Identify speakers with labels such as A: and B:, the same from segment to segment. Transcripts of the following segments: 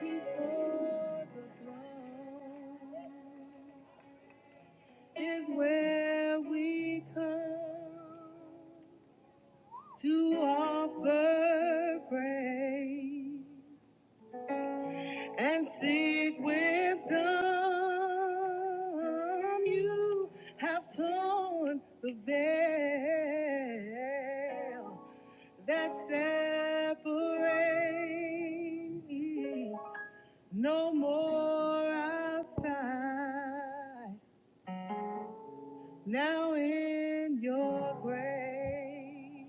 A: Before the throne is where we come to offer praise. and seek wisdom. You have torn the veil that separates. No more outside. Now in your grace.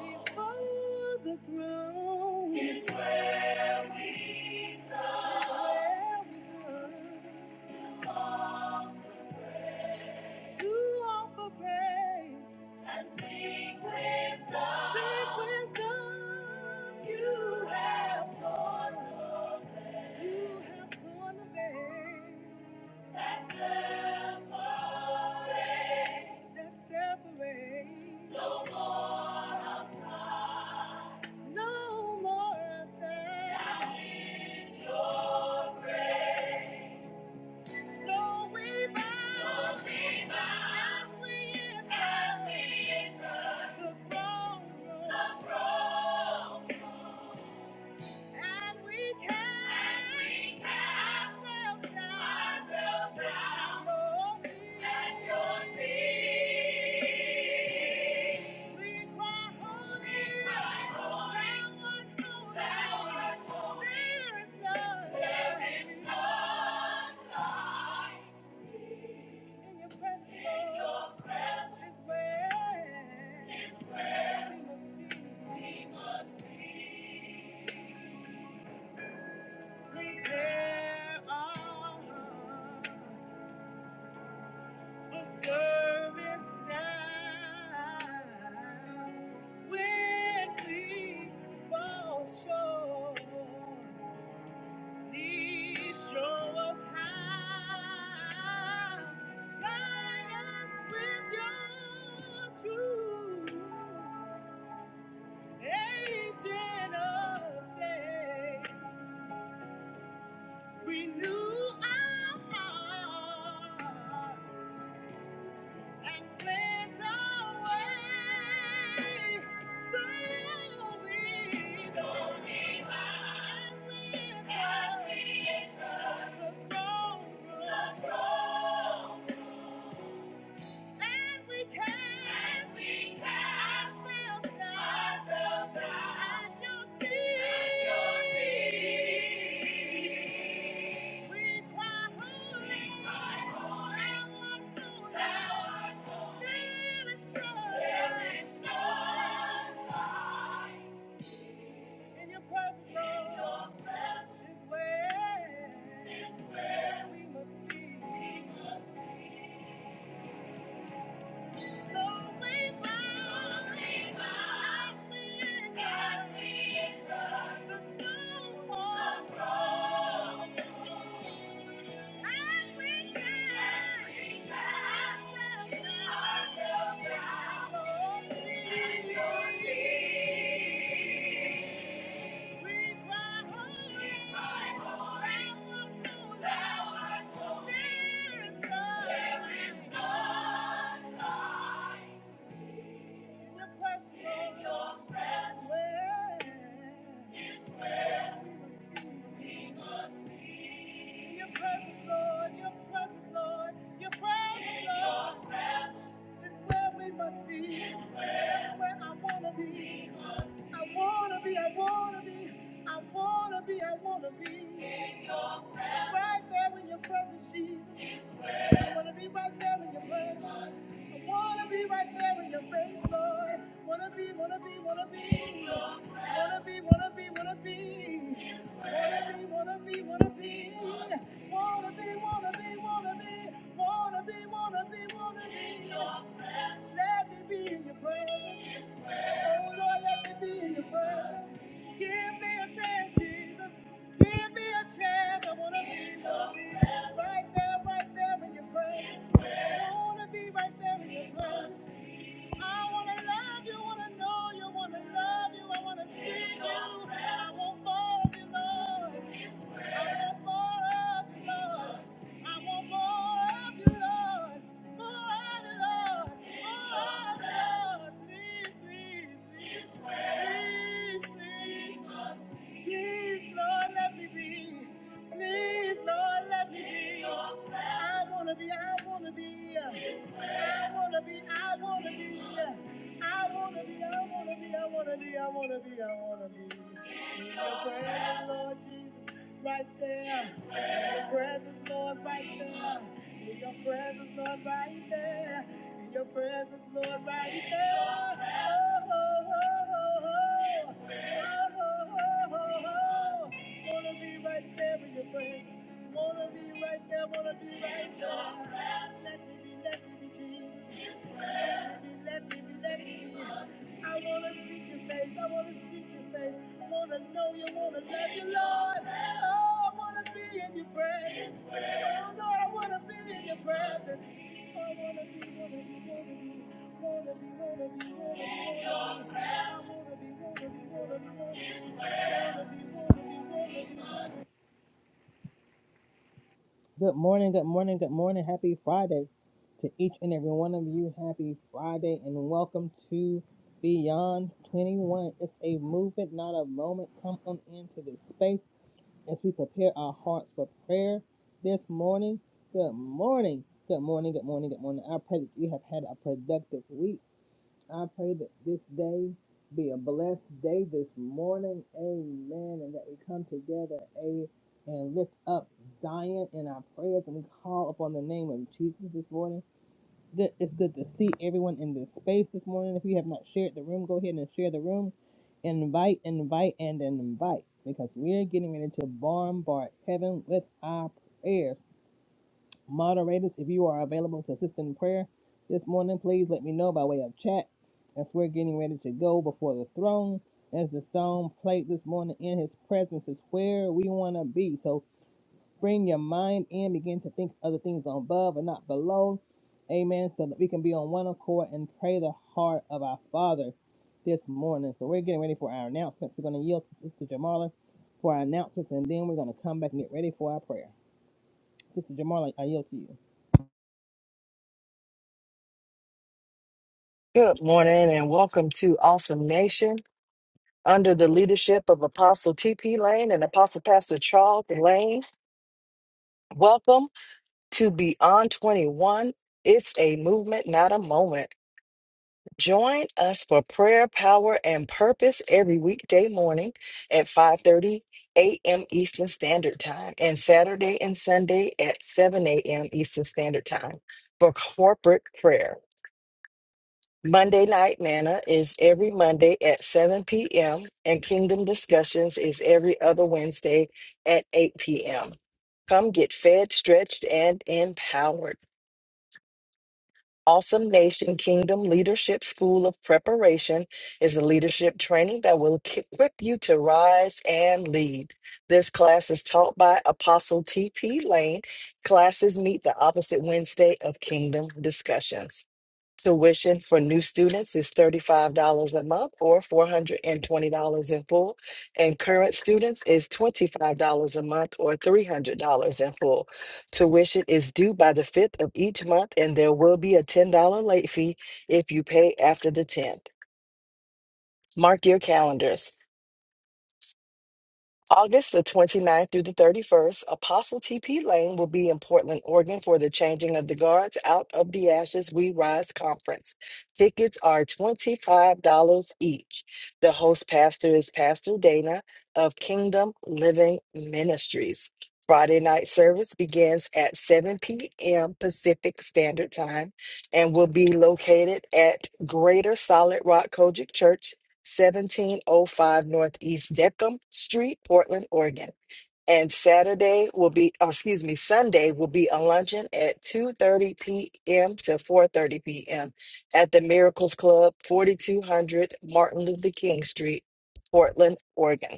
A: Before the throne is where we come. to offer to offer praise and sing wisdom. Sing wisdom. You have torn the veil. You have torn the veil that separates. That separates. Your No more sin. So we bow as we enter the throne room. And we cast and we cast ourselves down ourselves down at your feet. We cry, holy, we cry, holy, thou art holy. thou art holy. There is none There is none like in your presence, In Lord, your presence is where is where we must be. We must be. Prepare our hearts for service now. When we fall short, please show us how. Guide us with your truth, agent of day. Renew our hearts and cleanse our way so we So we might, as we as enter we enter the throne room And we cast, and we cast ourselves down, ourselves down at your feet. At your feet. We cry, holy, we cry, holy, thou art holy. Thou art holy. There is none, there is none in your presence, in Lord. Your presence is where, is where we must be. There is no I wanna be, I wanna be, I wanna be, I wanna be. Right there in your presence, Jesus. I want to be right there in your presence. I want to be right there in your face, Lord. Want to be, want to be, want to be. Want to be, want to be, want to be. Want to be, want to be, want to be. Want to be, want to be, want to be. Want to be, want to be, want to be. Let me be in your presence. Oh Lord, let me be in your presence. Give me a chance, Jesus. Give me a chance. I wanna be right there, right there in your presence. I wanna be right there in your presence. I wanna love you, wanna know you, wanna love you, I wanna see you. I want more of you, Lord. I want more of you, Lord. I want more of you, Lord. More of you, Lord. More of you, Lord. Please, please, please, please, please, please. Please, Lord, let me be. Please, Lord, let me be. I wanna be, I wanna be. I wanna be, I wanna be. I wanna be, I wanna be, I wanna be, I wanna be, I wanna be. In your presence, Lord Jesus, right there. In your presence, Lord, right there. In your presence, Lord, right there. In your presence, Lord, right there. Oh, oh, oh, oh, oh. Oh, oh, oh, oh, oh. Wanna be right there in your presence. Wanna be right there, wanna be right there. Let me be be, let me be, Jesus. Let me be, let me be, let me be. I wanna seek your face, I wanna seek your face. Wanna know you, wanna love you, Lord. Oh, I wanna be in your presence. Oh, Lord, I wanna be in your presence. Oh, I wanna be, wanna be, wanna be. Wanna be, wanna be, wanna be, wanna be. I wanna be, wanna be, wanna be, wanna be. Wanna be, wanna be, wanna be. Good morning, good morning, good morning. Happy Friday to each and every one of you. Happy Friday and welcome to Beyond 21. It's a movement, not a moment. Come on into this space as we prepare our hearts for prayer this morning. Good morning, good morning, good morning, good morning. I pray that you have had a productive week. I pray that this day be a blessed day this morning. Amen. And that we come together a, and lift up Zion in our prayers and we call upon the name of Jesus this morning. Good- It's good to see everyone in this space this morning. If you have not shared the room, go ahead and share the room. Invite, invite, and invite because we're getting ready to bombard heaven with our prayers. Moderators, if you are available to assist in prayer this morning, please let me know by way of chat as we're getting ready to go before the throne. As the song played this morning, in his presence is where we want to be. So bring your mind in, begin to think of the things above and not below. Amen. So that we can be on one accord and pray the heart of our Father this morning. So we're getting ready for our announcements. We're going to yield to Sister Jamala for our announcements, and then we're going to come back and get ready for our prayer. Sister Jamala, I yield to you.
B: Good morning and welcome to Awesome Nation under the leadership of Apostle TP Lane and Apostle Pastor Charles Lane. Welcome to Beyond 21. It's a movement, not a moment. Join us for prayer, power, and purpose every weekday morning at 5:30 a.m. Eastern Standard Time and Saturday and Sunday at 7 a.m. Eastern Standard Time for corporate prayer. Monday Night Manna is every Monday at 7 p.m., and Kingdom Discussions is every other Wednesday at 8 p.m. Come get fed, stretched, and empowered. Awesome Nation Kingdom Leadership School of Preparation is a leadership training that will ki- equip you to rise and lead. This class is taught by Apostle T.P. Lane. Classes meet the opposite Wednesday of Kingdom Discussions. Tuition for new students is $35 a month or $420 in full, and current students is $25 a month or $300 in full. Tuition is due by the 5th of each month, and there will be a $10 late fee if you pay after the 10th. Mark your calendars. August the 29th through the 31st, Apostle TP Lane will be in Portland, Oregon for the Changing of the Guards Out of the Ashes We Rise conference. Tickets are $25 each. The host pastor is Pastor Dana of Kingdom Living Ministries. Friday night service begins at 7 p.m. Pacific Standard Time and will be located at Greater Solid Rock Kojic Church, 1705 Northeast Deckham Street, Portland, Oregon. And Saturday will be, oh, excuse me, Sunday will be a luncheon at 2:30 p.m. to 4:30 p.m. at the Miracles Club, 4200 Martin Luther King Street, Portland, Oregon.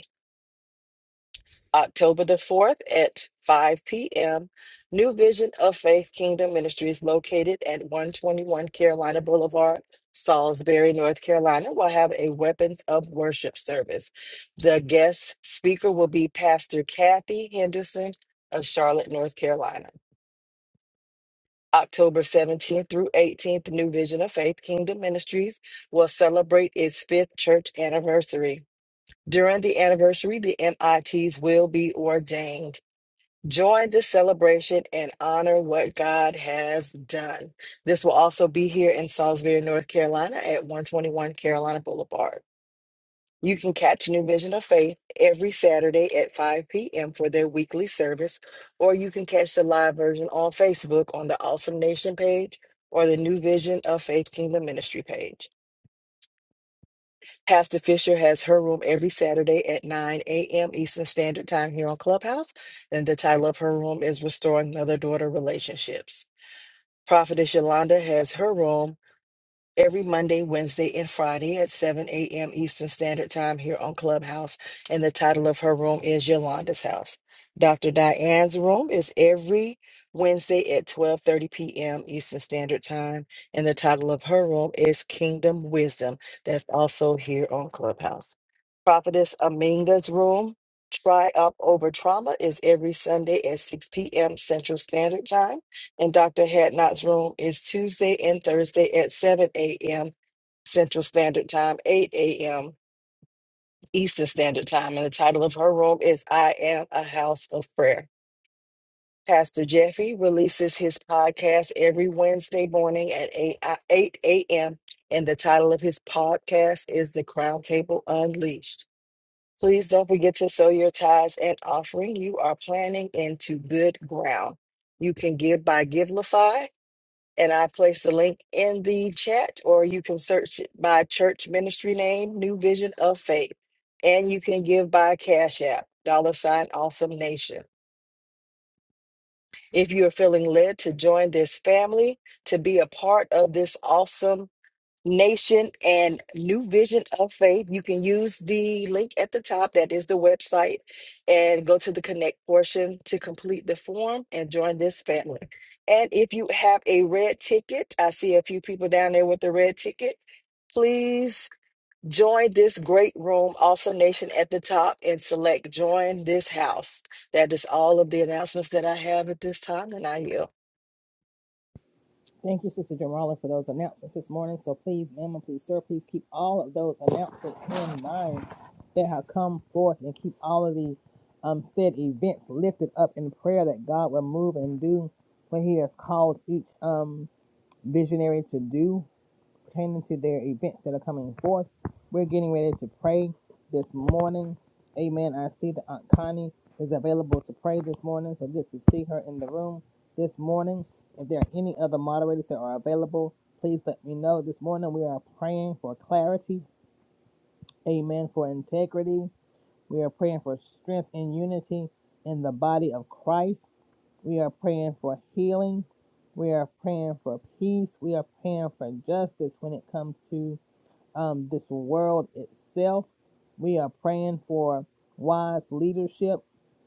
B: October the 4th at 5 p.m. New Vision of Faith Kingdom Ministries located at 121 Carolina Boulevard, Salisbury, North Carolina, will have a Weapons of Worship service. The guest speaker will be Pastor Kathy Henderson of Charlotte, North Carolina. October 17th through 18th, New Vision of Faith Kingdom Ministries will celebrate its fifth church anniversary. During the anniversary, the MITs will be ordained. Join the celebration and honor what God has done. This will also be here in Salisbury, North Carolina at 121 Carolina Boulevard. You can catch New Vision of Faith every Saturday at 5 p.m. for their weekly service, or you can catch the live version on Facebook on the Awesome Nation page or the New Vision of Faith Kingdom Ministry page. Pastor Fisher has her room every Saturday at 9 a.m. Eastern Standard Time here on Clubhouse. And the title of her room is Restoring Mother Daughter Relationships. Prophetess Yolanda has her room every Monday, Wednesday, and Friday at 7 a.m. Eastern Standard Time here on Clubhouse. And the title of her room is Yolanda's House. Dr. Diane's room is every Wednesday at 12:30 p.m. Eastern Standard Time. And the title of her room is Kingdom Wisdom. That's also here on Clubhouse. Prophetess Aminga's room, Try Up Over Trauma, is every Sunday at 6 p.m. Central Standard Time in Dr. Hadnot's room is Tuesday and Thursday at 7 a.m. Central Standard Time, 8 a.m. Eastern Standard Time. And the title of her room is I Am a House of Prayer. Pastor Jeffy releases his podcast every Wednesday morning at 8, uh, 8 a.m. And the title of his podcast is The Crown Table Unleashed. Please don't forget to sow your tithes and offering. You are planting into good ground. You can give by GiveLify and I placed the link in the chat, or you can search it by church ministry name, New Vision of Faith. And you can give by Cash App, dollar sign awesome nation. If you are feeling led to join this family, to be a part of this awesome Nation and New Vision of Faith. You can use the link at the top, that is the website, and go to the connect portion to complete the form and join this family. And if you have a red ticket, I see a few people down there with the red ticket, please join this great room, also Nation at the top, and select join this house. That is all of the announcements that I have at this time, and I yield.
A: Thank you, Sister Jamala, for those announcements this morning. So please, ma'am, and please, sir, please keep all of those announcements in mind that have come forth and keep all of the um, said events lifted up in prayer that God will move and do what He has called each um, visionary to do pertaining to their events that are coming forth. We're getting ready to pray this morning. Amen. I see that Aunt Connie is available to pray this morning, so good to see her in the room this morning. If there are any other moderators that are available, please let me know. This morning we are praying for clarity. Amen. For integrity. We are praying for strength and unity in the body of Christ. We are praying for healing. We are praying for peace. We are praying for justice when it comes to um, this world itself. We are praying for wise leadership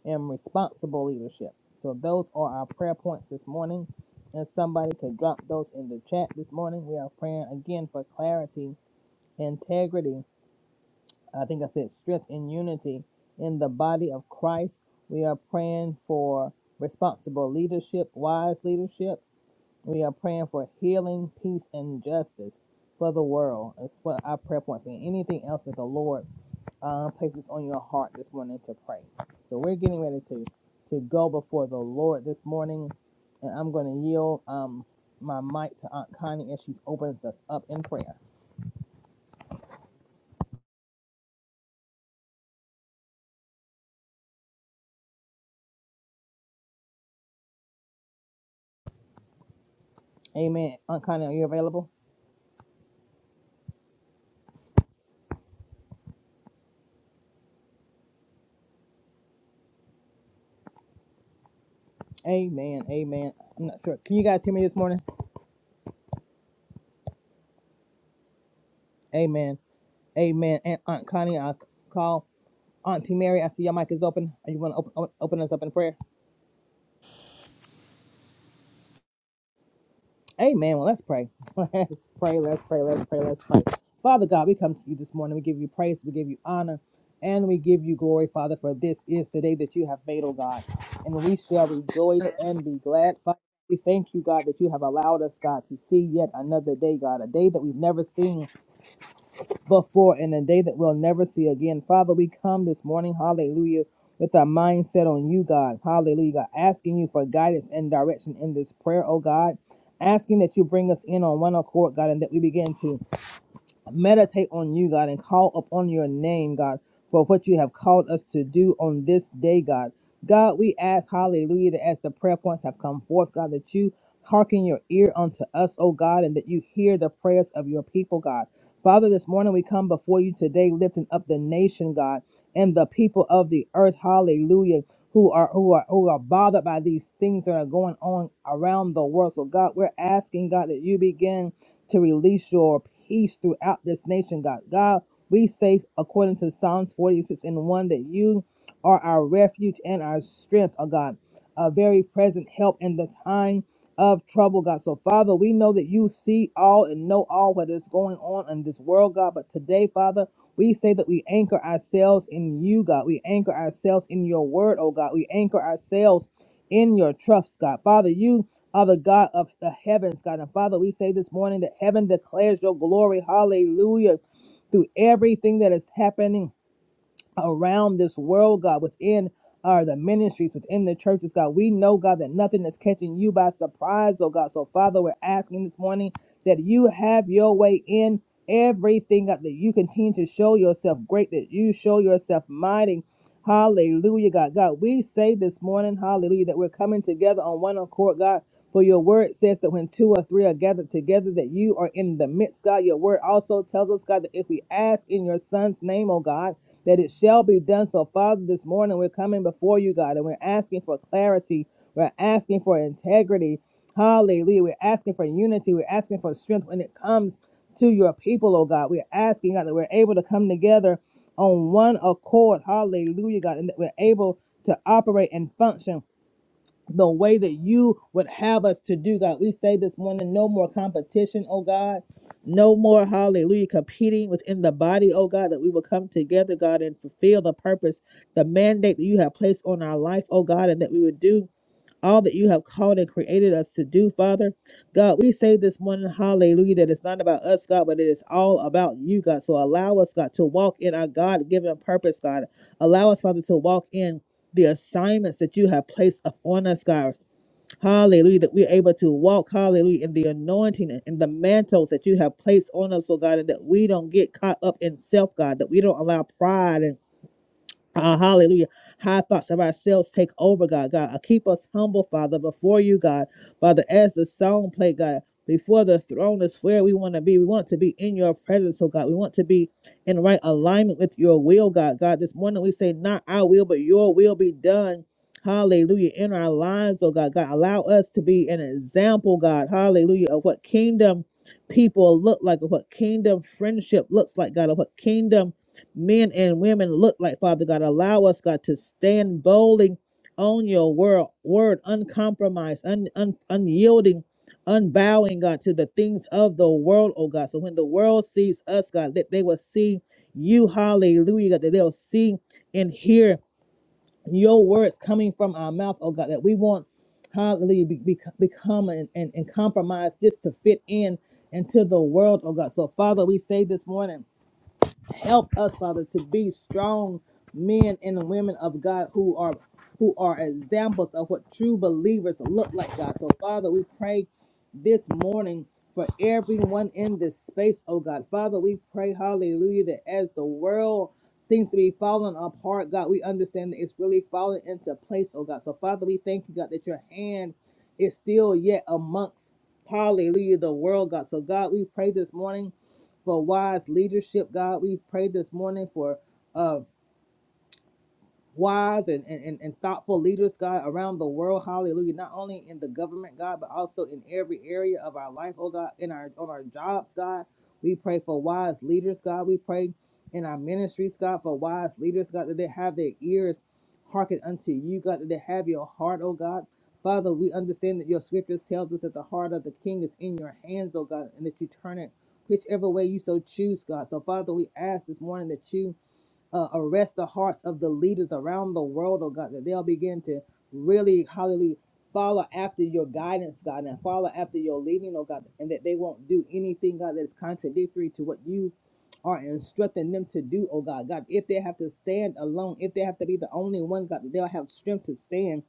A: and responsible leadership. So, those are our prayer points this morning. And somebody could drop those in the chat this morning. We are praying again for clarity, integrity. I think I said strength and unity in the body of Christ. We are praying for responsible leadership, wise leadership we are praying for healing, peace, and justice for the world. That's what our prayer points and anything else that the Lord uh, places on your heart this morning to pray. So we're getting ready to to go before the Lord this morning, and I'm going to yield um, my mic to Aunt Connie as she opens us up in prayer. Amen. Aunt Connie, are you available? Amen. Amen. I'm not sure. Can you guys hear me this morning? Amen. Amen. And Aunt Connie, I call Auntie Mary. I see your mic is open. you want to open, open open us up in prayer? Amen. Well, let's pray. Let's pray. Let's pray. Let's pray. Let's pray. Father God, we come to you this morning. We give you praise. We give you honor. And we give you glory, Father, for this is the day that you have made, oh God. And we shall
C: Uh,
A: rejoice and be glad. Father, we thank you, God, that you have allowed us, God, to see yet another day, God, a day that we've never seen. before in a day that we'll never see again. Father, we come this morning, hallelujah, with our mindset on you, God. Hallelujah. God, asking you for guidance and direction in this prayer, oh God. Asking that you bring us in on one accord, God, and that we begin to meditate on you, God, and call upon your name, God, for what you have called us to do on this day, God. God, we ask, hallelujah, that as the prayer points have come forth, God, that you hearken your ear unto us, oh God, and that you hear the prayers of your people, God. Father, this morning we come before you today, lifting up the nation, God, and the people of the earth, hallelujah, who are who are who are bothered by these things that are going on around the world. So God, we're asking, God, that you begin to release your peace throughout this nation, God. God, we say, according to Psalms 46 and 1, that you are our refuge and our strength, oh God, a very present help in the time of trouble, God. So, Father, we know that you see all and know all what is going on in this world, God. But today, Father, we say that we anchor ourselves in you, God. We anchor ourselves in your word, oh God. We anchor ourselves in your trust, God. Father, you are the God of the heavens, God. And Father, we say this morning that heaven declares your glory. Hallelujah. Through everything that is happening around this world, God, within our the ministries, within the churches, God. We know, God, that nothing is catching you by surprise, oh God. So, Father, we're asking this morning that you have your way in everything, God, that you continue to show yourself great, that you show yourself mighty. Hallelujah, God. God, we say this morning, hallelujah, that we're coming together on one accord, God for your word says that when two or three are gathered together, that you are in the midst, God. Your word also tells us, God, that if we ask in your son's name, oh God, that it shall be done. So, Father, this morning we're coming before you, God, and we're asking for clarity. We're asking for integrity. Hallelujah. We're asking for unity. We're asking for strength when it comes to your people, oh God. We're asking, God, that we're able to come together on one accord. Hallelujah, God, and that we're able to operate and function the way that you would have us to do, God. We say this morning, no more competition, oh God. No more, hallelujah, competing within the body, oh God, that we will come together, God, and fulfill the purpose, the mandate that you have placed on our life, oh God, and that we would do all that you have called and created us to do, Father. God, we say this morning, hallelujah, that it's not about us, God, but it is all about you, God. So allow us, God, to walk in our God given purpose, God. Allow us, Father, to walk in the assignments that you have placed upon us, God. Hallelujah, that we're able to walk, hallelujah, in the anointing and and the mantles that you have placed on us, oh God, and that we don't get caught up in self, God, that we don't allow pride and uh, hallelujah. High thoughts of ourselves take over, God. God, uh, keep us humble, Father, before you, God. Father, as the song play, God, before the throne is where we want to be. We want to be in your presence, oh God. We want to be in right alignment with your will, God. God, this morning we say, not our will, but your will be done. Hallelujah. In our lives, oh God. God, allow us to be an example, God. Hallelujah. Of what kingdom people look like, of what kingdom friendship looks like, God, of what kingdom men and women look like, Father God. Allow us, God, to stand boldly on your word, word uncompromised, un, un, unyielding, unbowing, God, to the things of the world, oh God. So when the world sees us, God, that they will see you, hallelujah, God, that they'll see and hear your words coming from our mouth, oh God, that we won't hallelujah, be, be, become and, and, and compromise just to fit in into the world, oh God. So, Father, we say this morning help us, Father, to be strong men and women of God who are who are examples of what true believers look like, God. So, Father, we pray this morning for everyone in this space, oh God. Father, we pray, hallelujah, that as the world seems to be falling apart, God, we understand that it's really falling into place, oh God. So, Father, we thank you, God, that your hand is still yet amongst, hallelujah, the world, God. So, God, we pray this morning for wise leadership, God. We pray this morning for. Uh, wise and, and, and thoughtful leaders, God, around the world. Hallelujah. Not only in the government, God, but also in every area of our life, oh God, in our on our jobs, God. We pray for wise leaders, God. We pray in our ministries, God, for wise leaders, God, that they have their ears hearken unto you, God, that they have your heart, oh God. Father, we understand that your scriptures tells us that the heart of the king is in your hands, oh God, and that you turn it whichever way you so choose, God. So Father, we ask this morning that you uh, arrest the hearts of the leaders around the world, oh God, that they'll begin to really, hallelujah, follow after your guidance, God, and follow after your leading, oh God, and that they won't do anything, God, that's contradictory to what you are instructing them to do, oh God. God, if they have to stand alone, if they have to be the only one, God, that they'll have strength to stand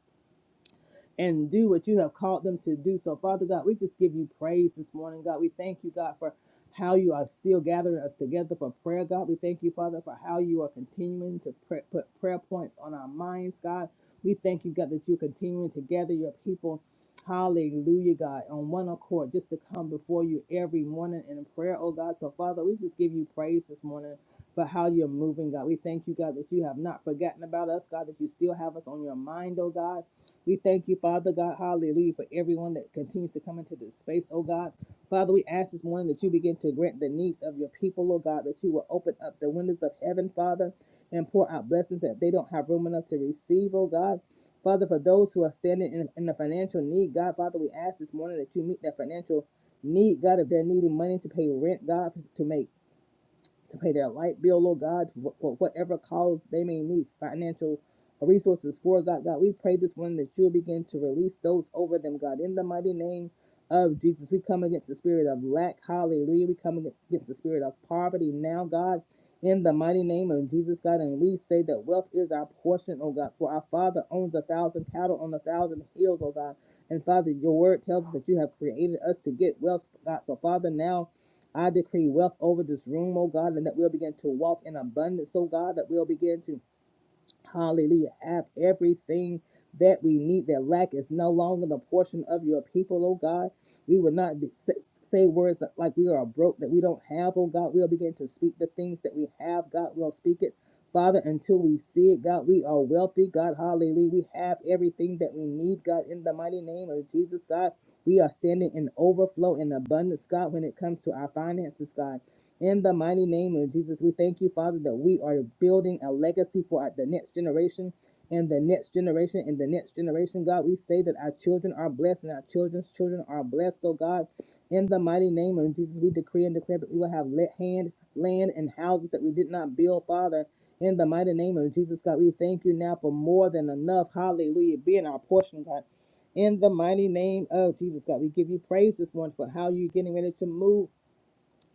A: and do what you have called them to do. So, Father God, we just give you praise this morning, God. We thank you, God, for how you are still gathering us together for prayer, God. We thank you, Father, for how you are continuing to pray, put prayer points on our minds, God. We thank you, God, that you're continuing to gather your people. Hallelujah, God, on one accord, just to come before you every morning in prayer, oh God. So, Father, we just give you praise this morning for how you're moving, God. We thank you, God, that you have not forgotten about us, God, that you still have us on your mind, oh God. We thank you, Father God, hallelujah, for everyone that continues to come into this space, oh God. Father, we ask this morning that you begin to grant the needs of your people, oh God, that you will open up the windows of heaven, Father, and pour out blessings that they don't have room enough to receive, oh God. Father, for those who are standing in, in a financial need, God, Father, we ask this morning that you meet that financial need, God, if they're needing money to pay rent, God, to make to pay their light bill, Lord God, for whatever cause they may need, financial resources for God. God, we pray this morning that you'll begin to release those over them, God, in the mighty name of Jesus. We come against the spirit of lack, hallelujah. We come against the spirit of poverty now, God, in the mighty name of Jesus, God. And we say that wealth is our portion, oh God, for our Father owns a thousand cattle on a thousand hills, oh God. And Father, your word tells us that you have created us to get wealth, God. So, Father, now I decree wealth over this room, oh God, and that we'll begin to walk in abundance, oh God, that we'll begin to Hallelujah. Have everything that we need. That lack is no longer the portion of your people, oh God. We will not be, say, say words that, like we are broke, that we don't have, oh God. We'll begin to speak the things that we have, God. We'll speak it, Father, until we see it, God. We are wealthy, God. Hallelujah. We have everything that we need, God, in the mighty name of Jesus, God. We are standing in overflow and abundance, God, when it comes to our finances, God. In the mighty name of Jesus, we thank you, Father, that we are building a legacy for our- the next generation and the next generation and the next generation, God. We say that our children are blessed and our children's children are blessed, oh God. In the mighty name of Jesus, we decree and declare that we will have let hand, land, and houses that we did not build, Father. In the mighty name of Jesus, God, we thank you now for more than enough. Hallelujah. Being our portion, God. In the mighty name of Jesus, God, we give you praise this morning for how you're getting ready to move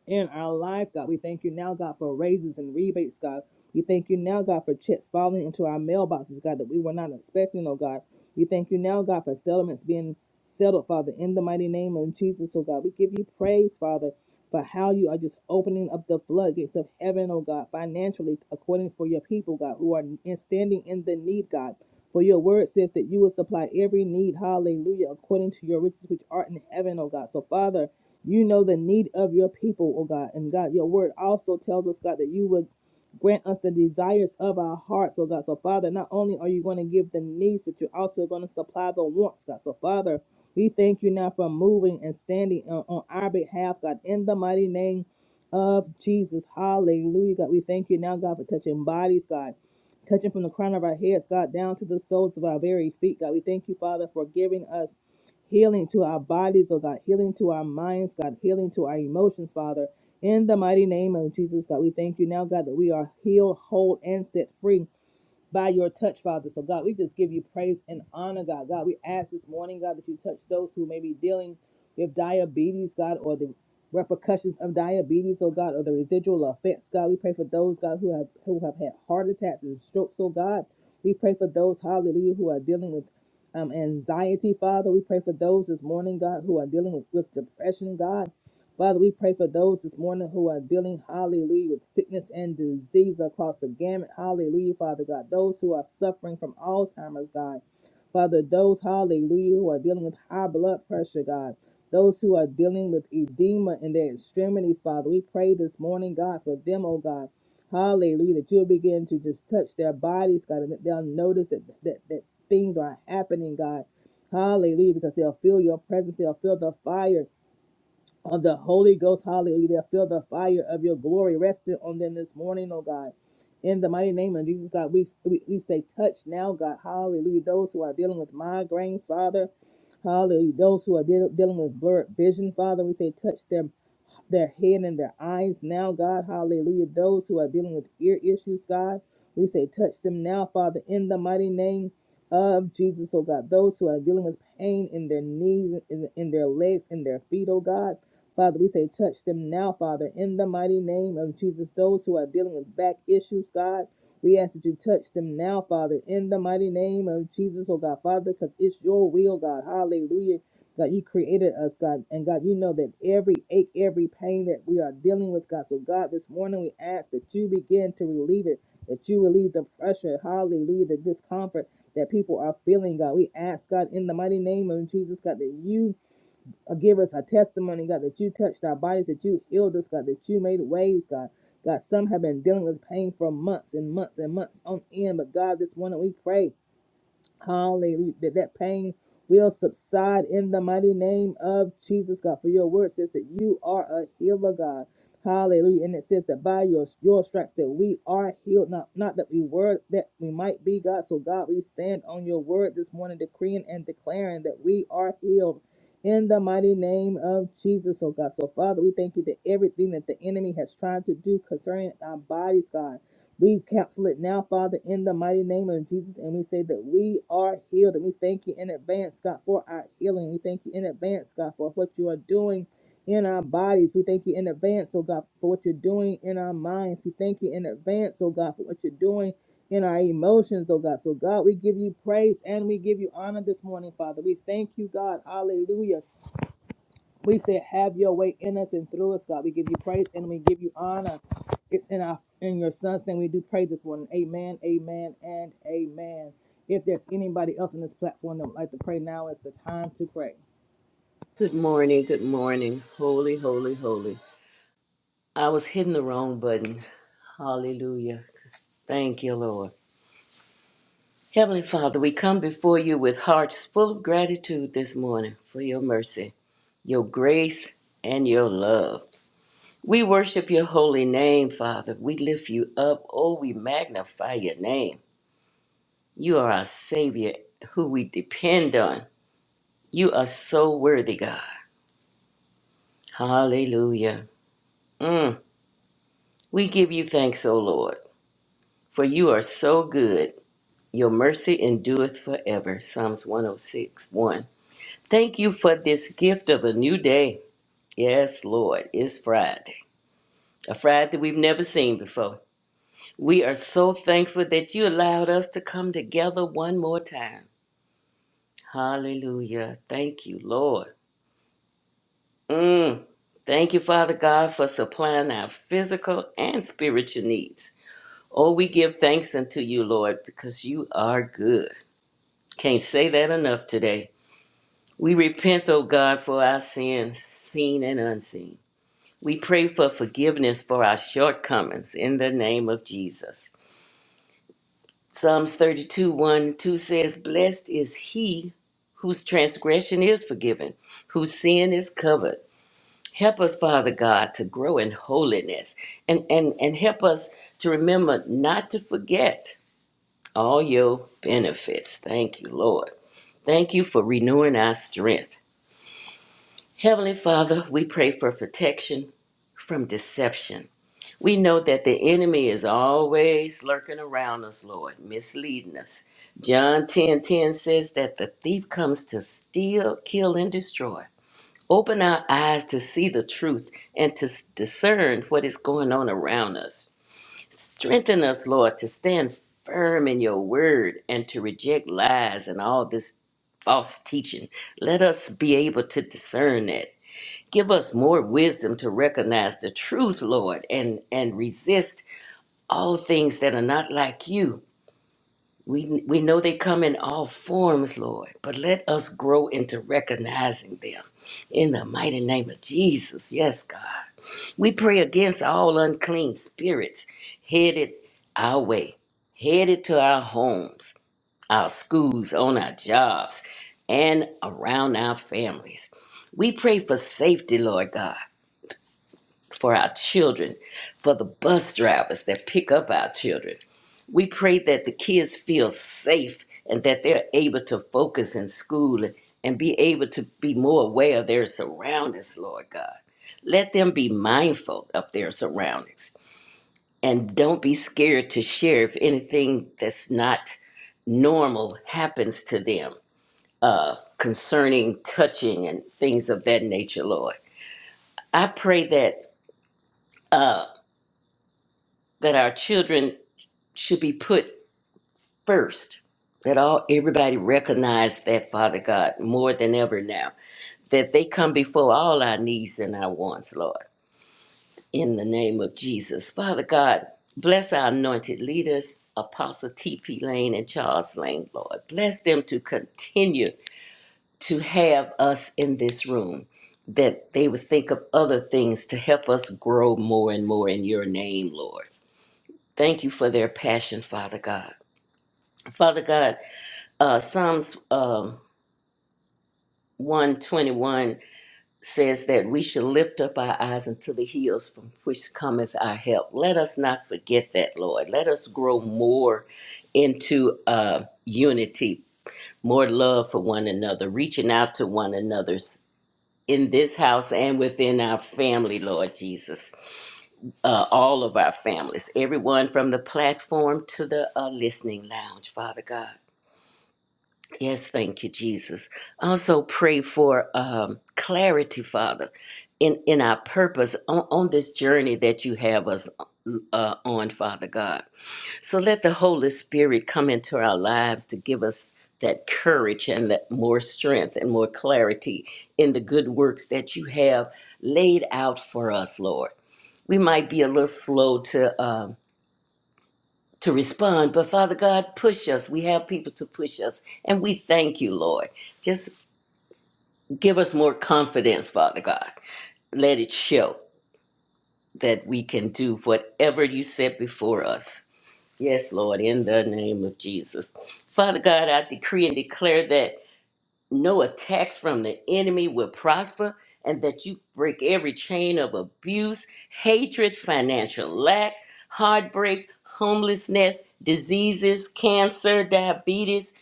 A: in our life, God. We thank you now, God, for raises and rebates, God. We thank you now, God, for checks falling into our mailboxes, God, that we were not expecting, oh God. We thank you now, God, for settlements being settled, Father, in the mighty name of Jesus, oh God. We give you praise, Father, for how you are just opening up the floodgates of heaven, oh God, financially, according for your people, God, who are in- standing in the need, God. For your word says that you will supply every need, hallelujah, according to your riches which art in heaven, oh God. So, Father, you know the need of your people, oh God. And God, your word also tells us, God, that you would grant us the desires of our hearts, oh God. So, Father, not only are you going to give the needs, but you're also going to supply the wants, God. So, Father, we thank you now for moving and standing on, on our behalf, God, in the mighty name of Jesus. Hallelujah, God. We thank you now, God, for touching bodies, God touching from the crown of our heads, God, down to the soles of our very feet, God. We thank you, Father, for giving us healing to our bodies, oh God, healing to our minds, God, healing to our emotions, Father. In the mighty name of Jesus, God, we thank you now, God, that we are healed, whole, and set free by your touch, Father. So, God, we just give you praise and honor, God. God, we ask this morning, God, that you touch those who may be dealing with diabetes, God, or the repercussions of diabetes, oh God, or the residual effects, God. We pray for those, God, who have who have had heart attacks and strokes, oh God. We pray for those, hallelujah, who are dealing with um, anxiety, Father. We pray for those this morning, God, who are dealing with, with depression, God. Father, we pray for those this morning who are dealing, hallelujah, with sickness and disease across the gamut. Hallelujah, Father God. Those who are suffering from Alzheimer's, God. Father, those, hallelujah, who are dealing with high blood pressure, God. Those who are dealing with edema in their extremities, Father, we pray this morning, God, for them, oh God. Hallelujah, that you'll begin to just touch their bodies, God, and that they'll notice that, that, that things are happening, God. Hallelujah, because they'll feel your presence, they'll feel the fire of the Holy Ghost. Hallelujah. Feel the fire of your glory resting on them this morning, oh God. In the mighty name of Jesus, God, we, we, we say, touch now, God. Hallelujah. Those who are dealing with migraines, Father. Hallelujah. Those who are deal dealing with blurred vision, Father, we say, touch them their head and their eyes now, God. Hallelujah. Those who are dealing with ear issues, God, we say, touch them now, Father, in the mighty name of Jesus, oh God. Those who are dealing with pain in their knees, in, in their legs, in their feet, oh God. Father, we say, touch them now, Father, in the mighty name of Jesus. Those who are dealing with back issues, God, we ask that you touch them now, Father, in the mighty name of Jesus, oh God, Father, because it's your will, God. Hallelujah. God, you created us, God, and God, you know that every ache, every pain that we are dealing with, God. So, God, this morning we ask that you begin to relieve it, that you relieve the pressure, hallelujah, the discomfort that people are feeling, God. We ask, God, in the mighty name of Jesus, God, that you uh, give us a testimony, God, that you touched our bodies, that you healed us, God, that you made ways, God. God, some have been dealing with pain for months and months and months on end, but God, this morning we pray. Hallelujah. That, that pain will subside in the mighty name of Jesus, God. For your word says that you are a healer, God. Hallelujah. And it says that by your, your stripes that we are healed, not, not that we were, that we might be, God. So, God, we stand on your word this morning, decreeing and declaring that we are healed in the mighty name of Jesus, oh God. So, Father, we thank you that everything that the enemy has tried to do concerning our bodies, God. We cancel it now, Father, in the mighty name of Jesus, and we say that we are healed, and we thank you in advance, God, for our healing. We thank you in advance, God, for what you are doing in our bodies. We thank you in advance, oh God, for what you're doing in our minds. We thank you in advance, oh God, for what you're doing in our emotions, oh God. So, God, we give you praise and we give you honor this morning, Father. We thank you, God. Hallelujah. We said, have your way in us and through us, God. We give you praise and we give you honor. It's in our in your son's name. We do pray this morning. Amen, amen, and amen. If there's anybody else on this platform that would like to pray, now is the time to pray.
C: Good morning. Good morning. Holy, holy, holy. I was hitting the wrong button. Hallelujah. Thank you, Lord. Heavenly Father, we come before you with hearts full of gratitude this morning for your mercy, your grace, and your love. We worship your holy name, Father. We lift you up. Oh, we magnify your name. You are our Savior who we depend on. You are so worthy, God. Hallelujah. Mm. We give you thanks, O Lord. For you are so good. Your mercy endureth forever. Psalms 106 Thank you for this gift of a new day. Yes, Lord, it's Friday, a Friday we've never seen before. We are so thankful that you allowed us to come together one more time. Hallelujah. Thank you, Lord. Mm. Thank you, Father God, for supplying our physical and spiritual needs. Oh, we give thanks unto you, Lord, because you are good. Can't say that enough today. We repent, O God, for our sins, seen and unseen. We pray for forgiveness for our shortcomings in the name of Jesus. Psalms thirty-two, one, two says, Blessed is he whose transgression is forgiven, whose sin is covered. Help us, Father God, to grow in holiness and, and, and help us to remember not to forget all your benefits. Thank you, Lord. Thank you for renewing our strength. Heavenly Father, we pray for protection from deception. We know that the enemy is always lurking around us, Lord, misleading us. John 10 10 says that the thief comes to steal, kill, and destroy. Open our eyes to see the truth and to s- discern what is going on around us. Strengthen us, Lord, to stand firm in your word and to reject lies and all this false teaching. Let us be able to discern that. Give us more wisdom to recognize the truth, Lord, and, and resist all things that are not like you. We, we know they come in all forms, Lord, but let us grow into recognizing them. In the mighty name of Jesus, yes, God. We pray against all unclean spirits headed our way, headed to our homes, our schools, on our jobs, and around our families. We pray for safety, Lord God for our children, for the bus drivers that pick up our children. We pray that the kids feel safe and that they're able to focus in school and be able to be more aware of their surroundings, Lord God. Let them be mindful of their surroundings and don't be scared to share if anything that's not normal happens to them uh, concerning touching and things of that nature, Lord. I pray that that our children should be put first. That all everybody recognize that Father God more than ever now. That they come before all our needs and our wants, Lord. In the name of Jesus. Father God, bless our anointed leaders, Apostle T.P. Lane and Charles Lane, Lord. Bless them to continue to have us in this room. That they would think of other things to help us grow more and more in your name, Lord. Thank you for their passion, Father God. Father God, uh, Psalms um, 121 says that we should lift up our eyes unto the hills from which cometh our help. Let us not forget that, Lord. Let us grow more into uh, unity, more love for one another, reaching out to one another in this house and within our family, Lord Jesus. Uh, all of our families, everyone from the platform to the uh, listening lounge, Father God. Yes, thank you, Jesus. Also pray for um, clarity, Father, in, in our purpose on, on this journey that you have us mm, uh, on, Father God. So let the Holy Spirit come into our lives to give us that courage and that more strength and more clarity in the good works that you have laid out for us, Lord. We might be a little slow to. Um, to respond. But Father God, push us. We have people to push us. And we thank you, Lord. Just give us more confidence, Father God. Let it show that we can do whatever you set before us. Yes, Lord, in the name of Jesus. Father God, I decree and declare that no attacks from the enemy will prosper, and that you break every chain of abuse, hatred, financial lack, heartbreak, homelessness, diseases, cancer, diabetes,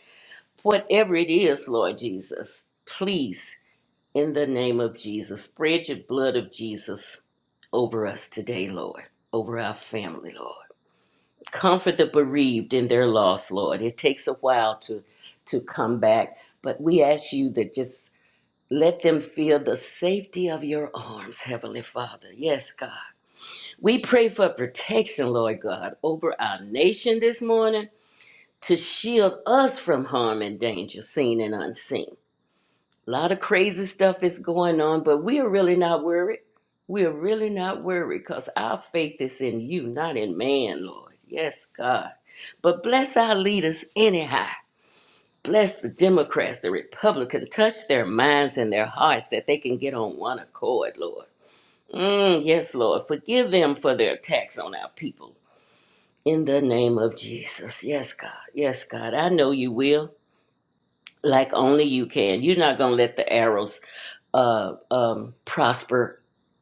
C: whatever it is, Lord Jesus. Please, in the name of Jesus, spread your blood of Jesus over us today, Lord, over our family, Lord. Comfort the bereaved in their loss, Lord. It takes a while to to come back, but we ask you that just let them feel the safety of your arms, Heavenly Father. Yes, God. We pray for protection, Lord God, over our nation this morning to shield us from harm and danger, seen and unseen. A lot of crazy stuff is going on, but we are really not worried. We are really not worried because our faith is in you, not in man, Lord. Yes, God. But bless our leaders anyhow. Bless the Democrats, the Republicans, touch their minds and their hearts that they can get on one accord, Lord. Mm, yes, Lord. Forgive them for their attacks on our people. In the name of Jesus. Yes, God. Yes, God. I know you will, like only you can. You're not going to let the arrows uh, um, prosper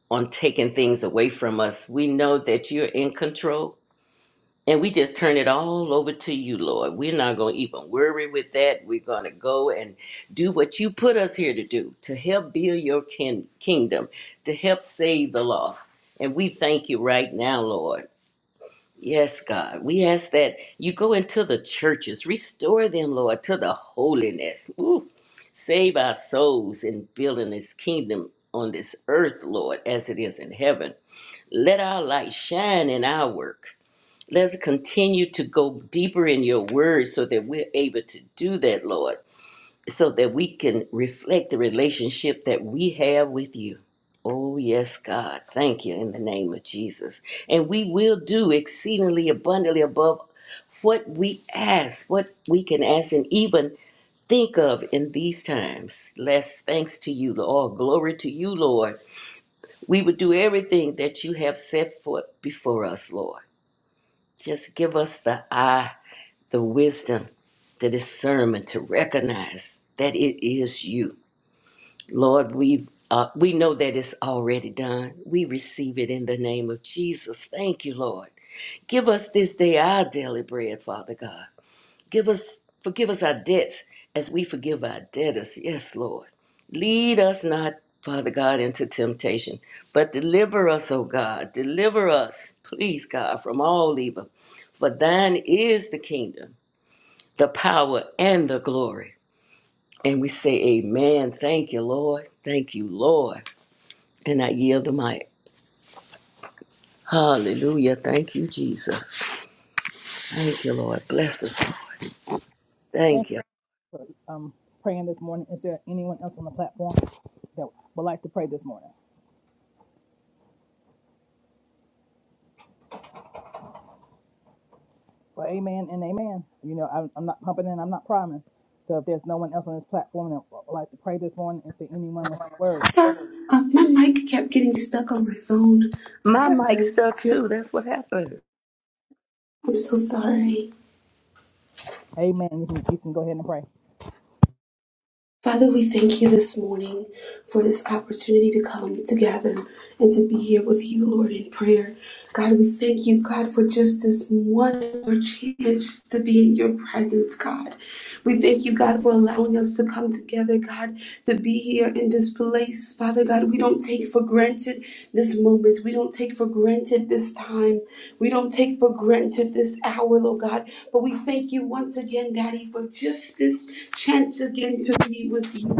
C: on taking things away from us. We know that you're in control and we just turn it all over to you, Lord. We're not going to even worry with that. We're going to go and do what you put us here to do to help build your kin- kingdom, to help save the lost. And we thank you right now, Lord. Yes, God. We ask that you go into the churches, restore them, Lord, to the holiness. Ooh. Save our souls in building this kingdom on this earth, Lord, as it is in heaven. Let our light shine in our work. Let's continue to go deeper in your word so that we're able to do that, Lord, so that we can reflect the relationship that we have with you. Oh, yes, God. Thank you in the name of Jesus. And we will do exceedingly abundantly above what we ask, what we can ask, and even think of in these times. Less thanks to you, Lord. Glory to you, Lord. We would do everything that you have set forth before us, Lord. Just give us the eye the wisdom, the discernment to recognize that it is you. Lord, we uh, we know that it's already done. We receive it in the name of Jesus. Thank you, Lord. Give us this day our daily bread, Father God. Give us forgive us our debts as we forgive our debtors. Yes, Lord. Lead us not, Father God, into temptation, but deliver us, O God. Deliver us, please, God, from all evil. For thine is the kingdom the power and the glory. And we say, Amen. Thank you, Lord. Thank you, Lord. And I yield the mic. Hallelujah. Thank you, Jesus. Thank you, Lord. Bless us.
A: Thank
C: Thank you.
A: you for um, praying this morning. Is there anyone else on the platform that would like to pray this morning? Well, amen and amen. You know, I'm, I'm not pumping and I'm not priming. So if there's no one else on this platform that would like to pray this morning, is there anyone with the word?
D: Sorry, uh, my mic kept getting stuck on my phone, uh,
C: My
D: but
C: mic
D: I'm,
C: stuck
D: I'm,
C: too. That's what happened.
D: I'm so sorry.
A: Amen. You can, you can go ahead and pray.
D: Father, we thank you this morning for this opportunity to come together and to be here with you, Lord, in prayer. God, we thank you, God, for just this one more chance to be in your presence, God. We thank you, God, for allowing us to come together, God, to be here in this place. Father God, we don't take for granted this moment. We don't take for granted this time. We don't take for granted this hour, Lord God. But we thank you once again, Daddy, for just this chance again to be with you.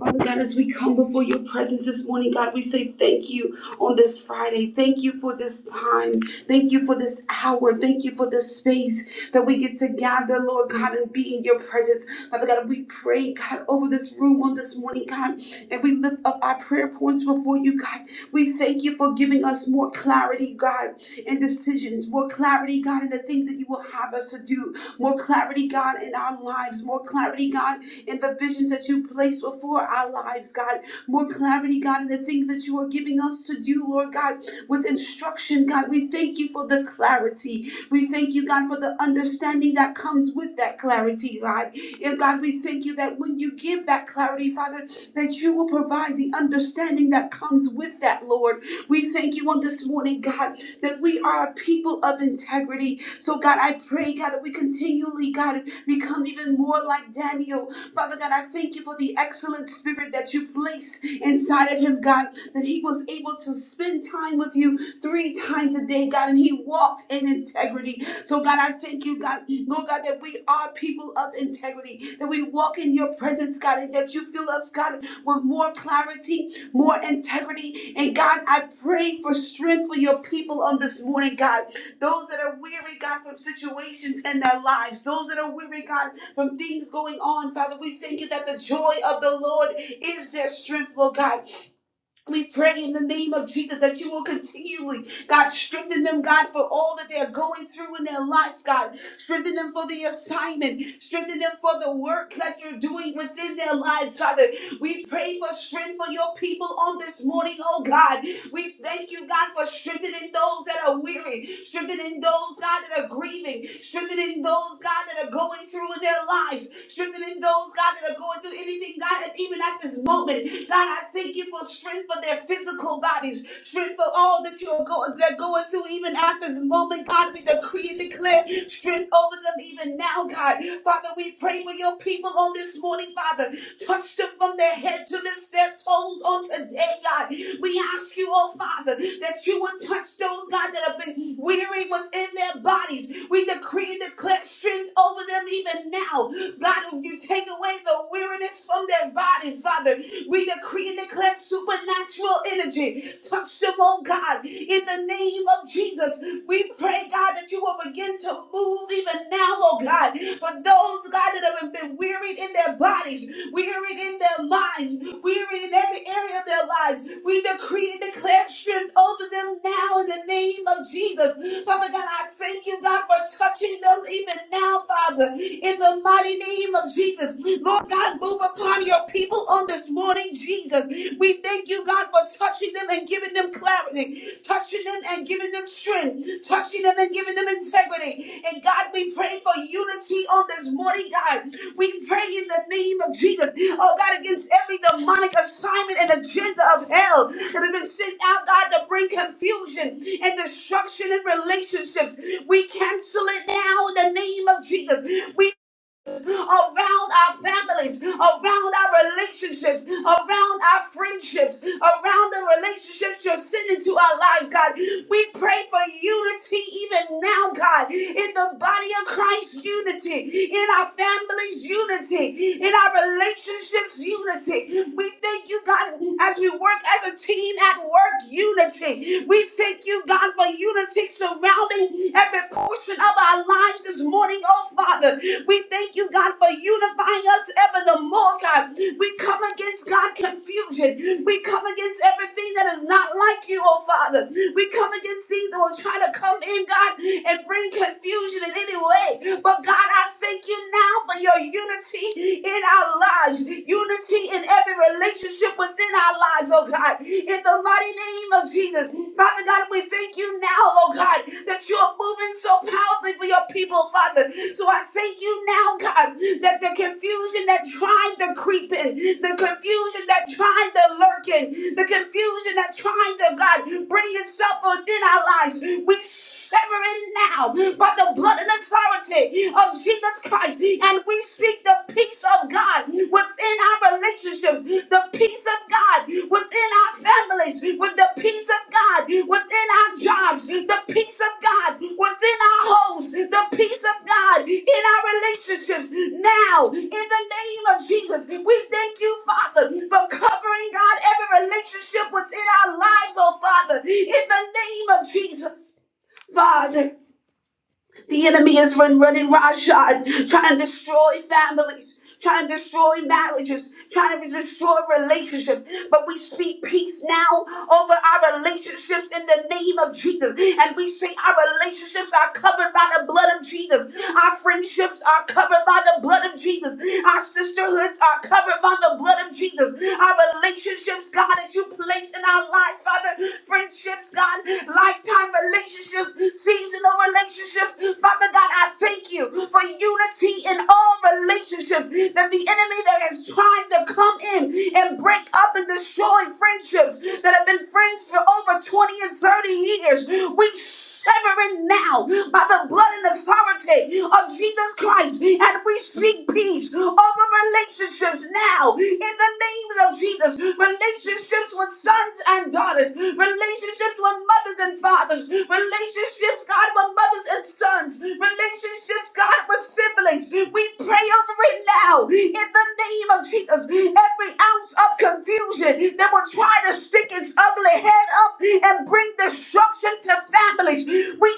D: Father God, as we come before your presence this morning, God, we say thank you on this Friday. Thank you for this time. Thank you for this hour. Thank you for this space that we get to gather, Lord God, and be in your presence. Father God, we pray, God, over this room on this morning, God, and we lift up our prayer points before you, God. We thank you for giving us more clarity, God, in decisions, more clarity, God, in the things that you will have us to do, more clarity, God, in our lives, more clarity, God in the visions that you place before our lives, God. More clarity, God, in the things that you are giving us to do, Lord God, with instruction, God. We thank you for the clarity. We thank you, God, for the understanding that comes with that clarity, God. And God, we thank you that when you give that clarity, Father, that you will provide the understanding that comes with that, Lord. We thank you on this morning, God, that we are a people of integrity. So, God, I pray, God, that we continually, God, become even more like Daniel, Father God, I thank you for the excellent spirit that you placed inside of him, God, that he was able to spend time with you three times a day, God, and he walked in integrity. So, God, I thank you, God, Lord God, that we are people of integrity, that we walk in your presence, God, and that you fill us us, God, with more clarity, more integrity. And God, I pray for strength for your people on this morning, God. Those that are weary, God, from situations in their lives, those that are weary, God, from things going on, Father, we thank you that the joy of the Lord is their strength, Lord God. We pray in the name of Jesus that you will continually, God, strengthen them, God, for all that they're going through in their life, God. Strengthen them for the assignment. Strengthen them for the work that you're doing within their lives, Father. We pray for strength for your people on this morning, oh God. We thank you, God, for strengthening those that are weary, strengthening those, God, that are grieving, strengthening those, God, that are going through in their lives, strengthening those, God, that are going through anything, God, and even at this moment. God, I thank you for strength for their physical bodies, strength for all that you're going, they're going through even at this moment. God, we decree and declare strength over them even now, God. Father, we pray for your people on this morning, Father. Touch them from their head to this, their toes on today, God. We ask you, oh Father, that you would touch those, God, that have been weary within their bodies. We decree and declare strength over them even now. God, if you take away the weariness from on their bodies, Father. We decree and declare supernatural energy. Touch them, oh God, in the name of Jesus. We pray, God, that you will begin to move even now, oh God, for those, God, that have been wearied in their bodies, wearied in their minds, wearied in every area of their lives. We decree and declare strength over them now in the name of Jesus. Father God, I thank you, God, for touching them even now, Father, in the mighty name of Jesus. Jesus. Lord God, move upon your people on this morning, Jesus. We thank you, God, for touching them and giving them clarity, touching them and giving them strength, touching them and giving them integrity. And God, we pray for unity on this morning, God. We pray in the name of Jesus, oh God, against every demonic assignment and agenda of hell that has been sent out, God, to bring confusion and destruction in relationships. We cancel it now in the name of Jesus. We us, around our families, around our relationships, around our friendships, around the relationships you're sending to our lives, God. We pray for unity even now, God, in the body of Christ, unity, in our families, unity, in our relationships, unity. We thank you, God, as we work as a team at work, unity. We thank you, God, for unity be surrounding every portion of our lives this morning, oh Father. We thank you, God, for unifying us ever the more, God. We come against, God, confusion. We come against everything that is not like you, oh Father. We come against things that will try to come in, God, and bring confusion in any way. But God, I thank you now for your unity in our lives, unity in every relationship within our lives, oh God. In the mighty name of Jesus. Father God, we thank you now, oh God, that you are moving so powerfully for your people, Father. So I thank you now, God, that the confusion that tried to creep in, the confusion that tried to lurk in, the confusion that tried to, God, bring itself within our lives, we severing now by the blood and authority of Jesus Christ. And we speak the peace of God within our relationships, the peace of God within our families, with the peace of God within our jobs, the peace of God within our homes, the peace of God in our relationships. Now, in the name of Jesus, we thank you, Father, for covering God every relationship within our lives, oh Father, in the name of Jesus. Father, the enemy has run running roughshod, trying to destroy families, trying to destroy marriages, trying to destroy relationships. But we speak peace now over our relationships in the name of Jesus. And we say our relationships are covered by the blood of Jesus. Our friendships are covered by the blood of Jesus. Our sisterhoods are covered by the blood of Jesus. Our relationships, God, that you place in our lives lives, Father. Friendships, God, lifetime relationships, seasonal relationships. Father God, I thank you for unity in all relationships. That the enemy that has tried to come in and break up and destroy friendships that have been friends for over 20 and 30 years, we severing now by the blood and authority of Jesus Christ. And we speak peace over relationships now in the name of Jesus. Relationships with sons and daughters, relationships with mothers and fathers, relationships, God, with mothers and sons, relationships, God, with siblings. We pray over it now in the name of Jesus. Every ounce of confusion that will try to stick its ugly the head up and bring destruction to families. We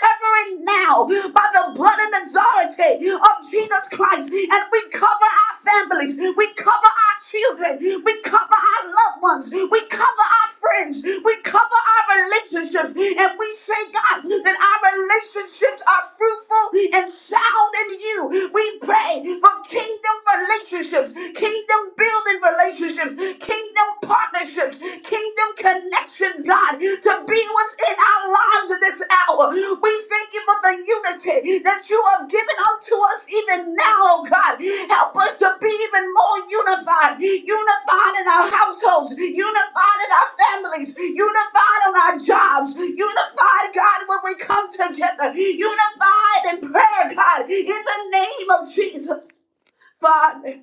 D: severing now by the blood and authority of Jesus Christ. And we cover our families, we cover our children, we cover our loved ones, we cover our friends, we cover our relationships. And we say, God, that our relationships are fruitful and sound in you. We pray for kingdom relationships, kingdom building relationships, relationships, kingdom partnerships, kingdom connections, God, to be within our lives in this hour. We thank you for the unity that you have given unto us even now, oh God. Help us to be even more unified, unified in our households, unified in our families, unified on our jobs, unified, God, when we come together, unified in prayer, God, in the name of Jesus. Father.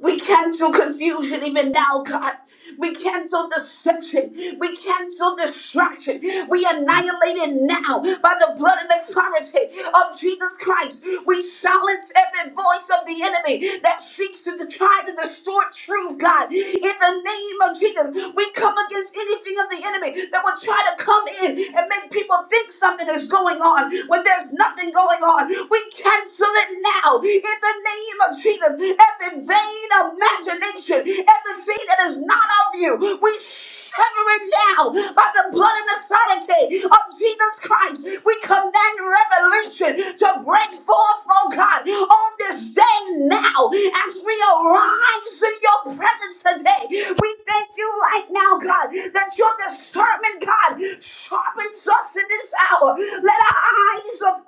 D: We cancel confusion even now, God. We cancel deception. We cancel distraction. We annihilate it now by the blood and authority of Jesus Christ. We silence every voice of the enemy that seeks to try to distort truth, God. In the name of Jesus, we come against anything of the enemy that will try to come in and make people think something is going on when there's nothing going on. We cancel it now in the name of Jesus. Every vain imagination, everything that is not of you, we sever it now by the blood and authority of Jesus Christ. We command revelation to break forth, oh God, on this day now as we arise in your presence today. We thank you right now, God, that your discernment, God, sharpens us in this hour. Let our eyes of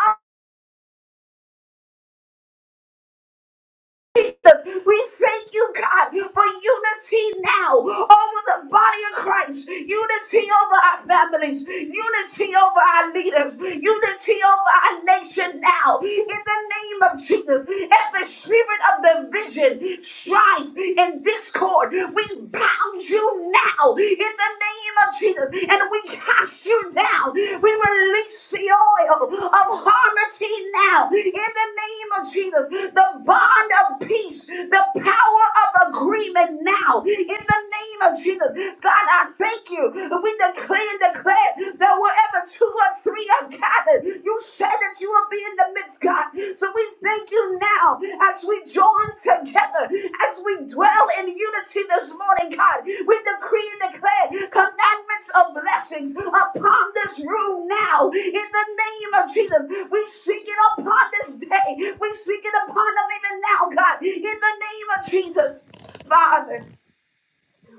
D: Jesus. We thank you, God, for unity now over the body of Christ, unity over our families, unity over our leaders, unity over our nation now. In the name of Jesus, every spirit of division, strife, and discord, we bound you now. In the name name of Jesus. And we cast you down. We release the oil of harmony now. In the name of Jesus. The bond of peace. The power of agreement now. In the name of Jesus. God, I thank you. We declare and declare that wherever two or three are gathered, you said that you will be in the midst, God. So we thank you now as we join together, as we dwell in unity this morning, God. We decree and declare commandments of blessings upon this room now. In the name of Jesus, we speak it upon this day. We speak it upon them even now, God. In the name of Jesus, Father.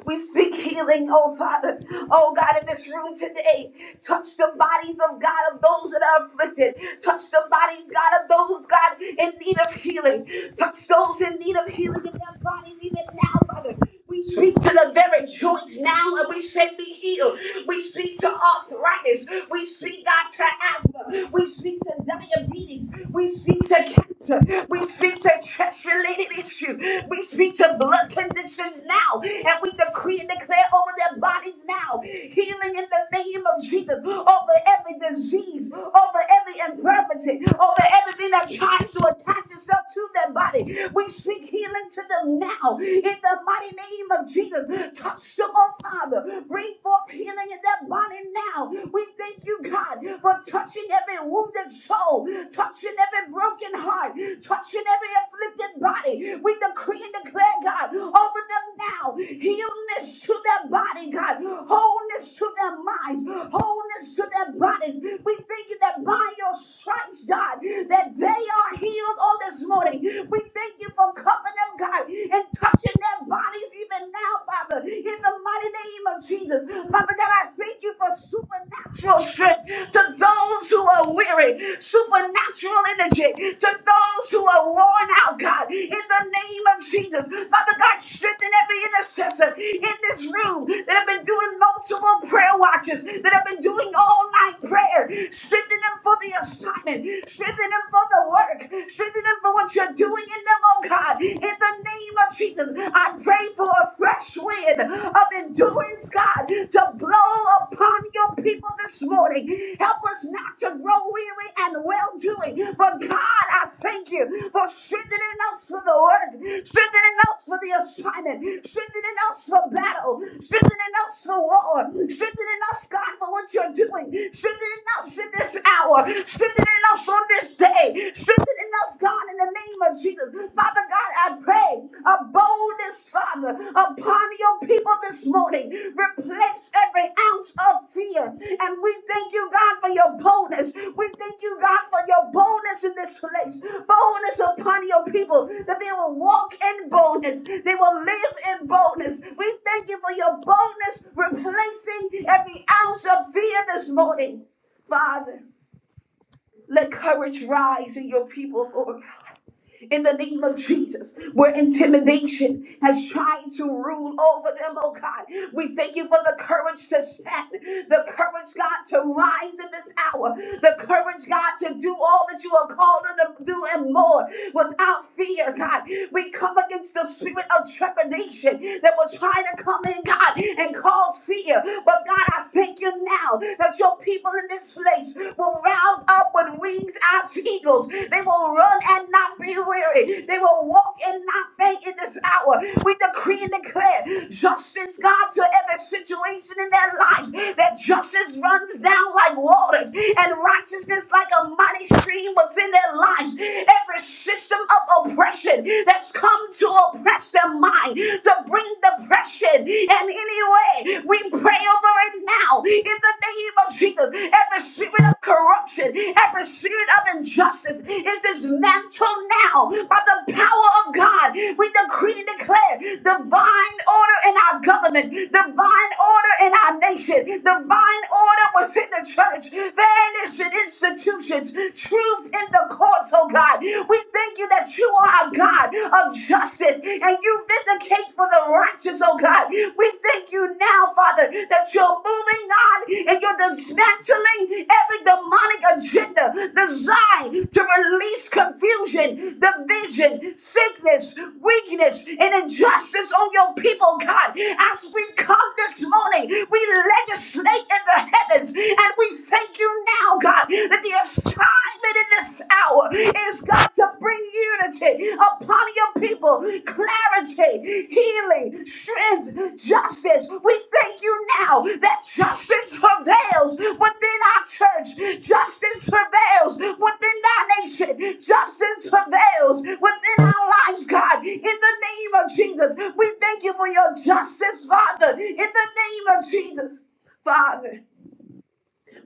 D: We speak healing, oh Father. Oh God, in this room today, touch the bodies of God of those that are afflicted. Touch the bodies, God, of those, God, in need of healing. Touch those in need of healing in their bodies even now, Father. We speak to the very joints now and we say be healed. We speak to arthritis. We speak, God, to asthma. We speak to diabetes. We speak to cancer. We speak to chest related issues. We speak to blood conditions now. And we decree and declare over their bodies now healing in the name of Jesus over every disease, over every infirmity, over everything that tries to attach itself to their body. We speak healing to them now in the mighty name of Jesus. Touch them, oh Father. Bring forth healing in their body now. We thank thank you, God, for touching every wounded soul, touching every broken heart, touching every afflicted body. We decree and declare, God, over them now healness to their body, God, wholeness to their minds, wholeness to their bodies. We thank you that by your stripes, God, that they are healed on this morning. We thank you for covering them, God, and touching their bodies even now, Father, in the mighty mighty name of Jesus. Father God, I thank you for supernatural strength to those who are weary, supernatural energy to those who are worn out, God, in the name of Jesus. Father God, strengthen every intercessor in this room that have been doing multiple prayer watches, that have been doing all night prayer. Strengthen them for the assignment, strengthen them for the work, strengthen them for what you're doing in them, oh God, in the the name of Jesus. I pray for a fresh wind of endurance, God, to blow upon your people this morning. Help us not to grow weary and well doing. But God, I thank you for strengthening us for the work, strengthening us for the assignment, strengthening us for battle, strengthening us for war, strengthening us, God, for what you're doing, strengthening us in this hour, strengthening us on this day, Strengthen in us, God, in the name of Jesus. Father God, I pray a boldness, Father, upon your people this morning. Replace every ounce of fear. And we thank you, God, for your boldness. We thank you, God, for your boldness in this place. Boldness upon your people that they will walk in boldness. They will live in boldness. We thank you for your boldness, replacing every ounce of fear this morning. Father, let courage rise in your people, Lord in the name of Jesus, where intimidation has tried to rule over them, oh God. We thank you for the courage to stand, the courage, God, to rise in this hour, the courage, God, to do all that you are called her to do and more without fear, God. We come against the spirit of trepidation that will try to come in, God, and cause fear. But God, I thank you now that your people in this place will round up with wings as eagles. They will run and not be weary. They will walk and not faint in this hour. We decree and declare justice, God, to every situation in their lives. That justice runs down like waters and righteousness like a mighty stream within their lives. Every system of oppression that's come to oppress their mind, to bring depression and anywhere pray. We pray over it now in the name of Jesus. Every spirit of corruption, every spirit of injustice is dismantled now by the power of God. We decree and declare divine order in our government, divine order in our nation, divine order within the church, fairness in institutions, truth in the courts, oh God. We thank you that you are our God, of justice, and you vindicate for the righteous, oh God. We thank you now, Father, that you're moving on and you're dismantling every demonic agenda designed to release confusion, division, sickness, weakness, and injustice on your people, God. As we come this morning, we legislate in the heavens, and we thank you now, God, that the assignment in this hour is God to bring unity upon your people, clarity, healing, strength, justice. We thank you now that justice prevails within our church, justice prevails within our nation, justice prevails within our lives, God. In the name of Jesus, we thank you for your justice, Father. In the name of Jesus, Father.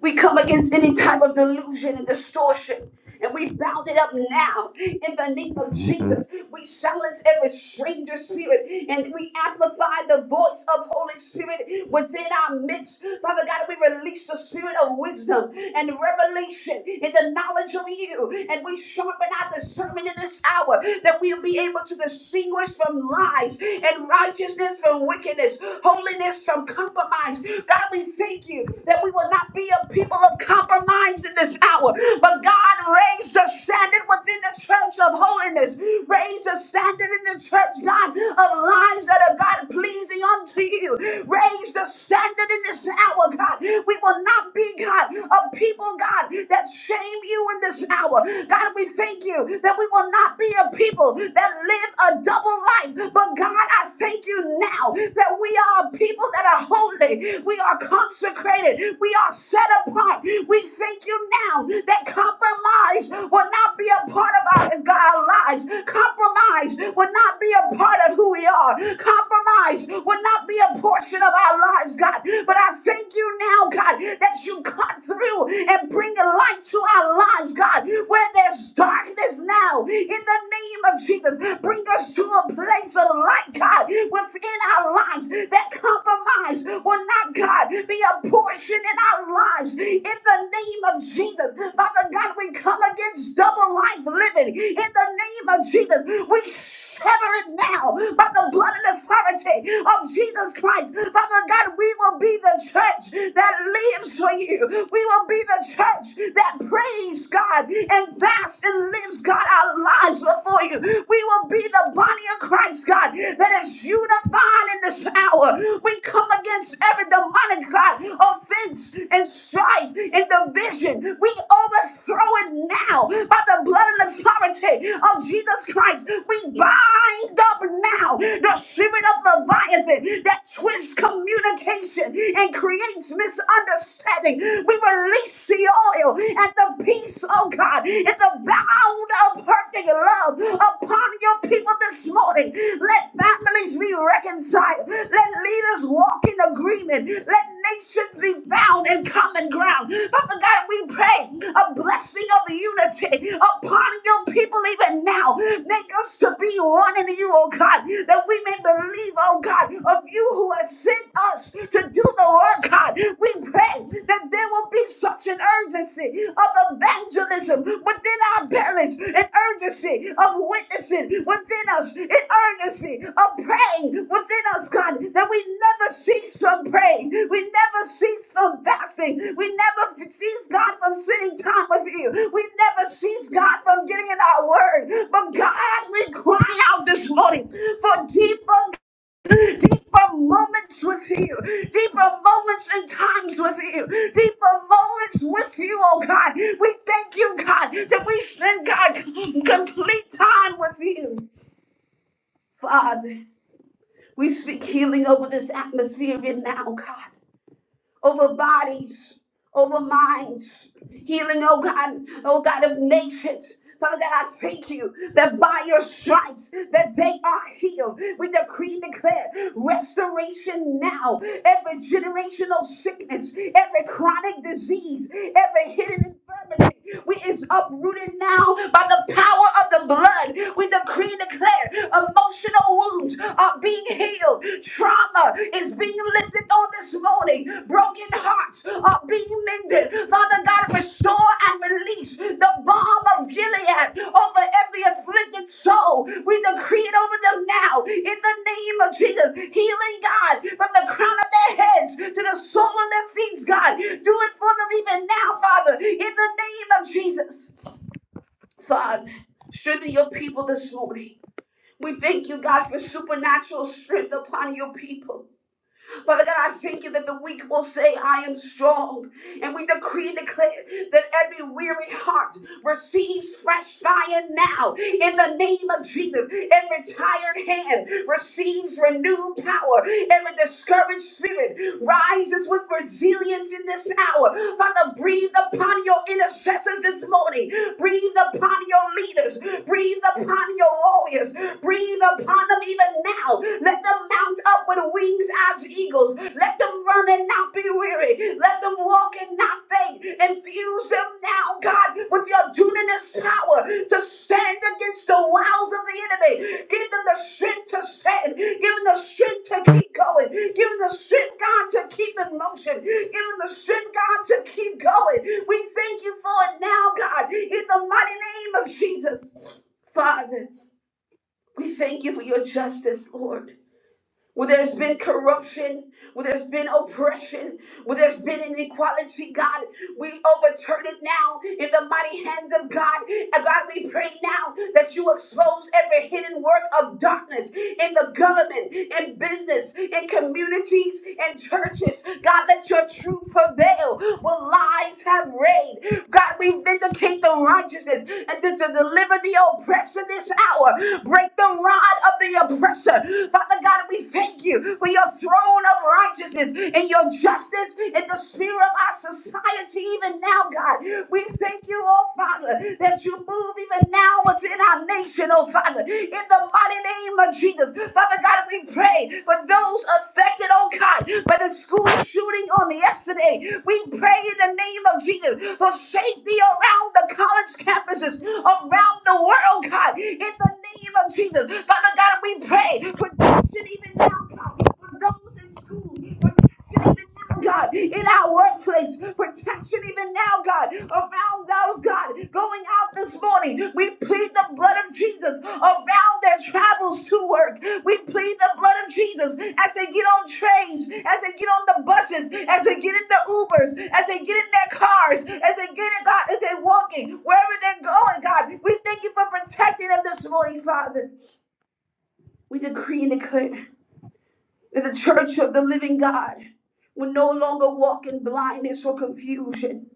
D: We come against any type of delusion and distortion. And we bound it up now in the name of Jesus. We silence every stranger spirit and we amplify the voice of Holy Spirit within our midst. Father God, we release the spirit of wisdom and revelation in the knowledge of you. And we sharpen our discernment in this hour that we'll be able to distinguish from lies and righteousness from wickedness, holiness from compromise. God, we thank you that we will not be a people of compromise in this hour. But God raised the standard within the church of holiness. Raise the standard in the church, God, of lives that are God pleasing unto you. Raise the standard in this hour, God. We will not be, God, a people, God, that shame you in this hour. God, we thank you that we will not be a people that live a double life. But God, I I thank you now that we are people that are holy. We are consecrated. We are set apart. We thank you now that compromise will not be a part of our, our lives. Compromise will not be a part of who we are. Compromise will not be a portion of our lives, God. But I thank you now, God, that you cut through and bring a light to our lives, God, where there's darkness now. In the name of Jesus. Bring us to a place of light, God, within our lives. That compromise will not, God, be a portion in our lives. In the name of Jesus, Father God, we come against double life living. In the name of Jesus, we sever it now by the blood and authority of Jesus Christ. Father God, we will be the church that lives for you. We will be the church that prays God and fasts and lives God our lives before you. We will be the body of Christ, God, that is unified in this hour. We come against every demonic God offense and strife strife and division. We overthrow it now by the blood and authority of Jesus Christ. We bind up now the spirit of Leviathan that twists communication and creates misunderstanding. We release the oil and the peace of God and the bound of perfect love upon your people this morning. Let families be reconciled. Let leaders walk in agreement. Let nations be bound in common ground. Father God, we pray a blessing of unity upon your people even now. Make us to be one in you, oh God, that we may believe, oh God, of you who has sent us to do the work, God. We pray that there will be such an urgency urgency of evangelism within our parents, an urgency of witnessing within us, an urgency of praying within us, God, that we never cease from praying, we never cease from fasting, we never cease, God, from sitting time with you, we never cease, God, from getting in our word. But God, we cry out this morning for deeper deeper moments with you, deeper moments and times with you, deeper moments with you, oh God. We thank you, God, that we spend, God, complete time with you, Father. We speak healing over this atmosphere even now, God over bodies, over minds, healing, oh God, oh God of nations. Father God, I thank you that by your stripes that they are healed. We decree and declare restoration now. Every generational sickness, every chronic disease, every hidden infirmity. We is uprooted now by the power of the blood. We decree and declare emotional wounds are being healed. Trauma is being lifted on this morning. Broken hearts are being mended. Father God, restore and release the balm of Gilead over every afflicted soul. We decree it over them now in the name of Jesus. Healing God from the crown hedge to the sole of their feet, God. Do it for them even now, Father, in the name of Jesus. Father, strengthen your people this morning. We thank you, God, for supernatural strength upon your people. Father God, I thank you that the weak will say, I am strong. And we decree and declare that every weary heart receives fresh fire now in the name of Jesus. Every tired hand receives renewed power. Every discouraged spirit rises with resilience in this hour. Father, breathe upon your intercessors this morning. Breathe upon your leaders. Breathe upon your warriors. Breathe upon them even now. Let them mount up with wings as eagles. Let them run and not be weary. Let them walk and not faint. Infuse them now, God, with your dunamis power to stand against the wiles of the enemy. Give them the strength to stand. Give them the strength to keep going. Give them the strength, God, to keep in motion. Give them the strength, God, to keep going. We thank you for it now, God, in the mighty name of Jesus. Father. We thank you for your justice, Lord. Where there's been corruption, where there's been oppression, where there's been inequality, God, we overturn it now in the mighty hands of God. And God, we pray now that you expose every hidden work of darkness in the government, in business, in communities, in churches. God, let your truth prevail where lies have reigned. God, we vindicate the righteousness and to, to deliver the oppressed in this hour. Break the rod of the oppressor. Father God, we thank you for your throne of righteousness and your justice in the sphere of our society, even now, God. We thank you, oh Father, that you move even now within our nation, oh Father, in the mighty name of Jesus. Father God, we pray for those affected, oh God. God, by the school shooting on yesterday. We pray in the name of Jesus for safety around the college campuses, around the world, God, in the name of Jesus. Father God, we pray protection even now, God, for those in school. for protection even now, God, in our workplace, protection even now, God, around those, God, going out this morning. We plead the blood of Jesus around their travels to work. We plead the blood of Jesus as they get on trains, as they get on the buses, as they get in the Ubers, as they get in their cars, as they get in, God, as they're walking, wherever they're going, God. We thank you for protecting them this morning, Father. We decree and declare. The church of the living God will no longer walk in blindness or confusion.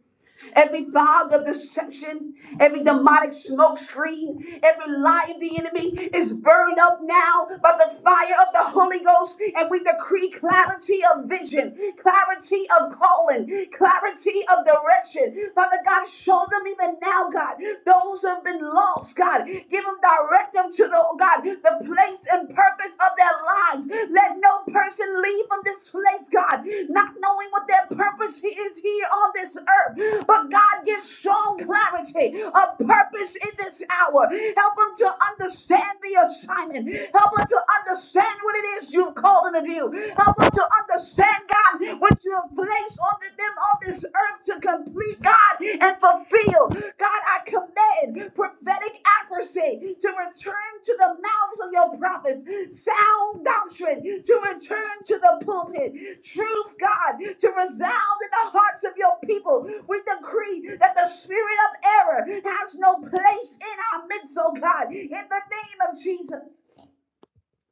D: Every fog of deception, every demonic smoke screen, every lie of the enemy is burned up now by the fire of the Holy Ghost. And we decree clarity of vision, clarity of calling, clarity of direction. Father God, show them even now, God, those who have been lost, God. Give them direct them to the oh God, the place and and purpose of their lives. Let no person leave from this place, God, not knowing what their purpose is here on this earth. But God gives strong clarity of purpose in this hour. Help them to understand the assignment. Help them to understand what it is you've called them to do. Help them to understand, God, what you have placed on them on this earth to complete, God, and fulfill. God, I command prophetic hypocrisy, to return to the mouths of your prophets, sound doctrine, to return to the pulpit, truth, God, to resound in the hearts of your people. We decree that the spirit of error has no place in our midst, oh God, in the name of Jesus.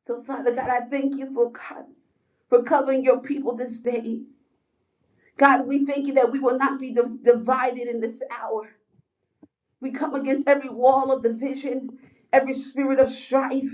D: So, Father God, I thank you for God, for covering your people this day. God, we thank you that we will not be div- divided in this hour. We come against every wall of division, every spirit of strife,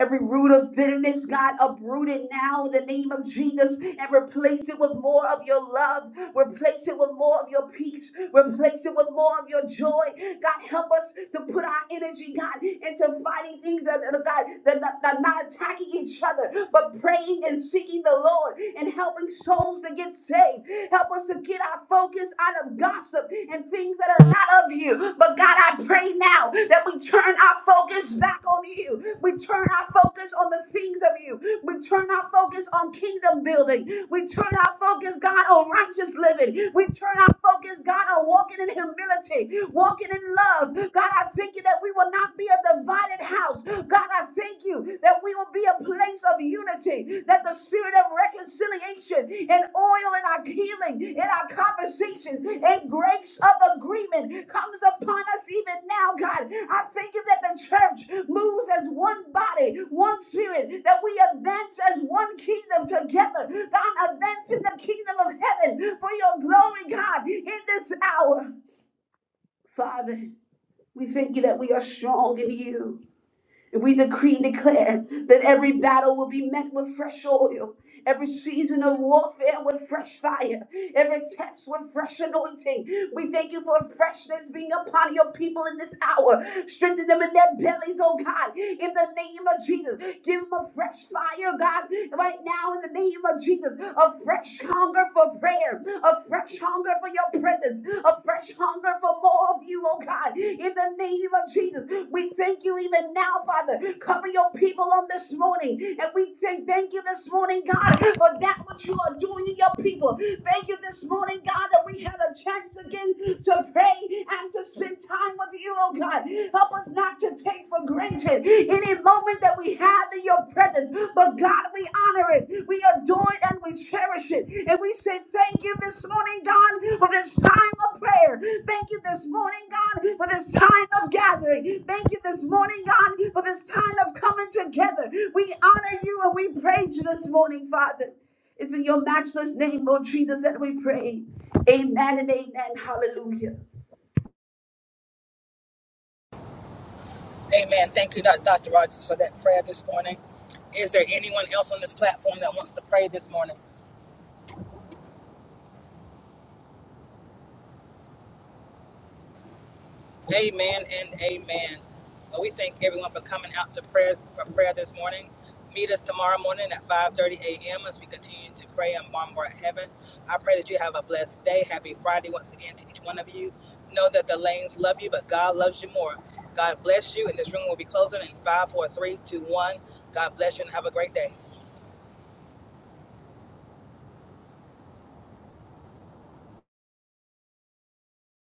D: every root of bitterness, God, uproot it now in the name of Jesus and replace it with more of your love. Replace it with more of your peace. Replace it with more of your joy. God, help us to put our energy, God, into fighting things that, that- God, that, that, that are not attached attacking each other, but praying and seeking the Lord and helping souls to get saved. Help us to get our focus out of gossip and things that are not of you. But God, I pray now that we turn our focus back on you. We turn our focus on the things of you. We turn our focus on kingdom building. We turn our focus, God, on righteous living. We turn our focus, God, on walking in humility, walking in love. God, I thank you that we will not be a divided house. God, I thank you that we will be a place of unity, that the spirit of reconciliation and oil in our healing, in our conversations, and grace of agreement comes upon us even now, God. I thank you that the church moves as one body, one spirit, that we advance as one kingdom together. God, advance in the kingdom of heaven for your glory, God, in this hour. Father, we thank you that we are strong in you. We decree and declare that every battle will be met with fresh oil, every season of warfare with fresh fire, every test with fresh anointing. We thank you for freshness being upon your people in this hour. Strengthen them in their bellies, oh God, in the name of Jesus. Give them a fresh fire, God, right now in the name of Jesus. A fresh hunger for prayer, a fresh hunger for your presence, a fresh hunger for more of you, oh God, in the name of Jesus. We thank you even now, Father. Cover your people on this morning, and we say thank you this morning, God, for that which you are doing in your people. Thank thank you this morning, God, that we had a chance again to pray and to spend time with you, oh God. Help us not to take for granted any moment that we have in your presence. But God, we honor it, we adore it, and we cherish it. And we say thank you this morning, God, for this time of prayer. Thank you this morning, God, for this time of gathering. Thank you this morning, God, for this time of coming together. We honor you and we praise you this morning, Father. It's in your matchless name, Lord Jesus, that we pray. Amen and amen. Hallelujah.
A: Amen. Thank you, Dr. Rogers, for that prayer this morning. Is there anyone else on this platform that wants to pray this morning? Amen and amen. Well, we thank everyone for coming out to prayer for prayer this morning. Meet us tomorrow morning at 5:30 a.m. as we continue to pray and bombard heaven. I pray that you have a blessed day. Happy Friday once again to each one of you. Know that the lanes love you, but God loves you more. God bless you, and this room will be closing in five, four, three, two, one. God bless you, and have a great day.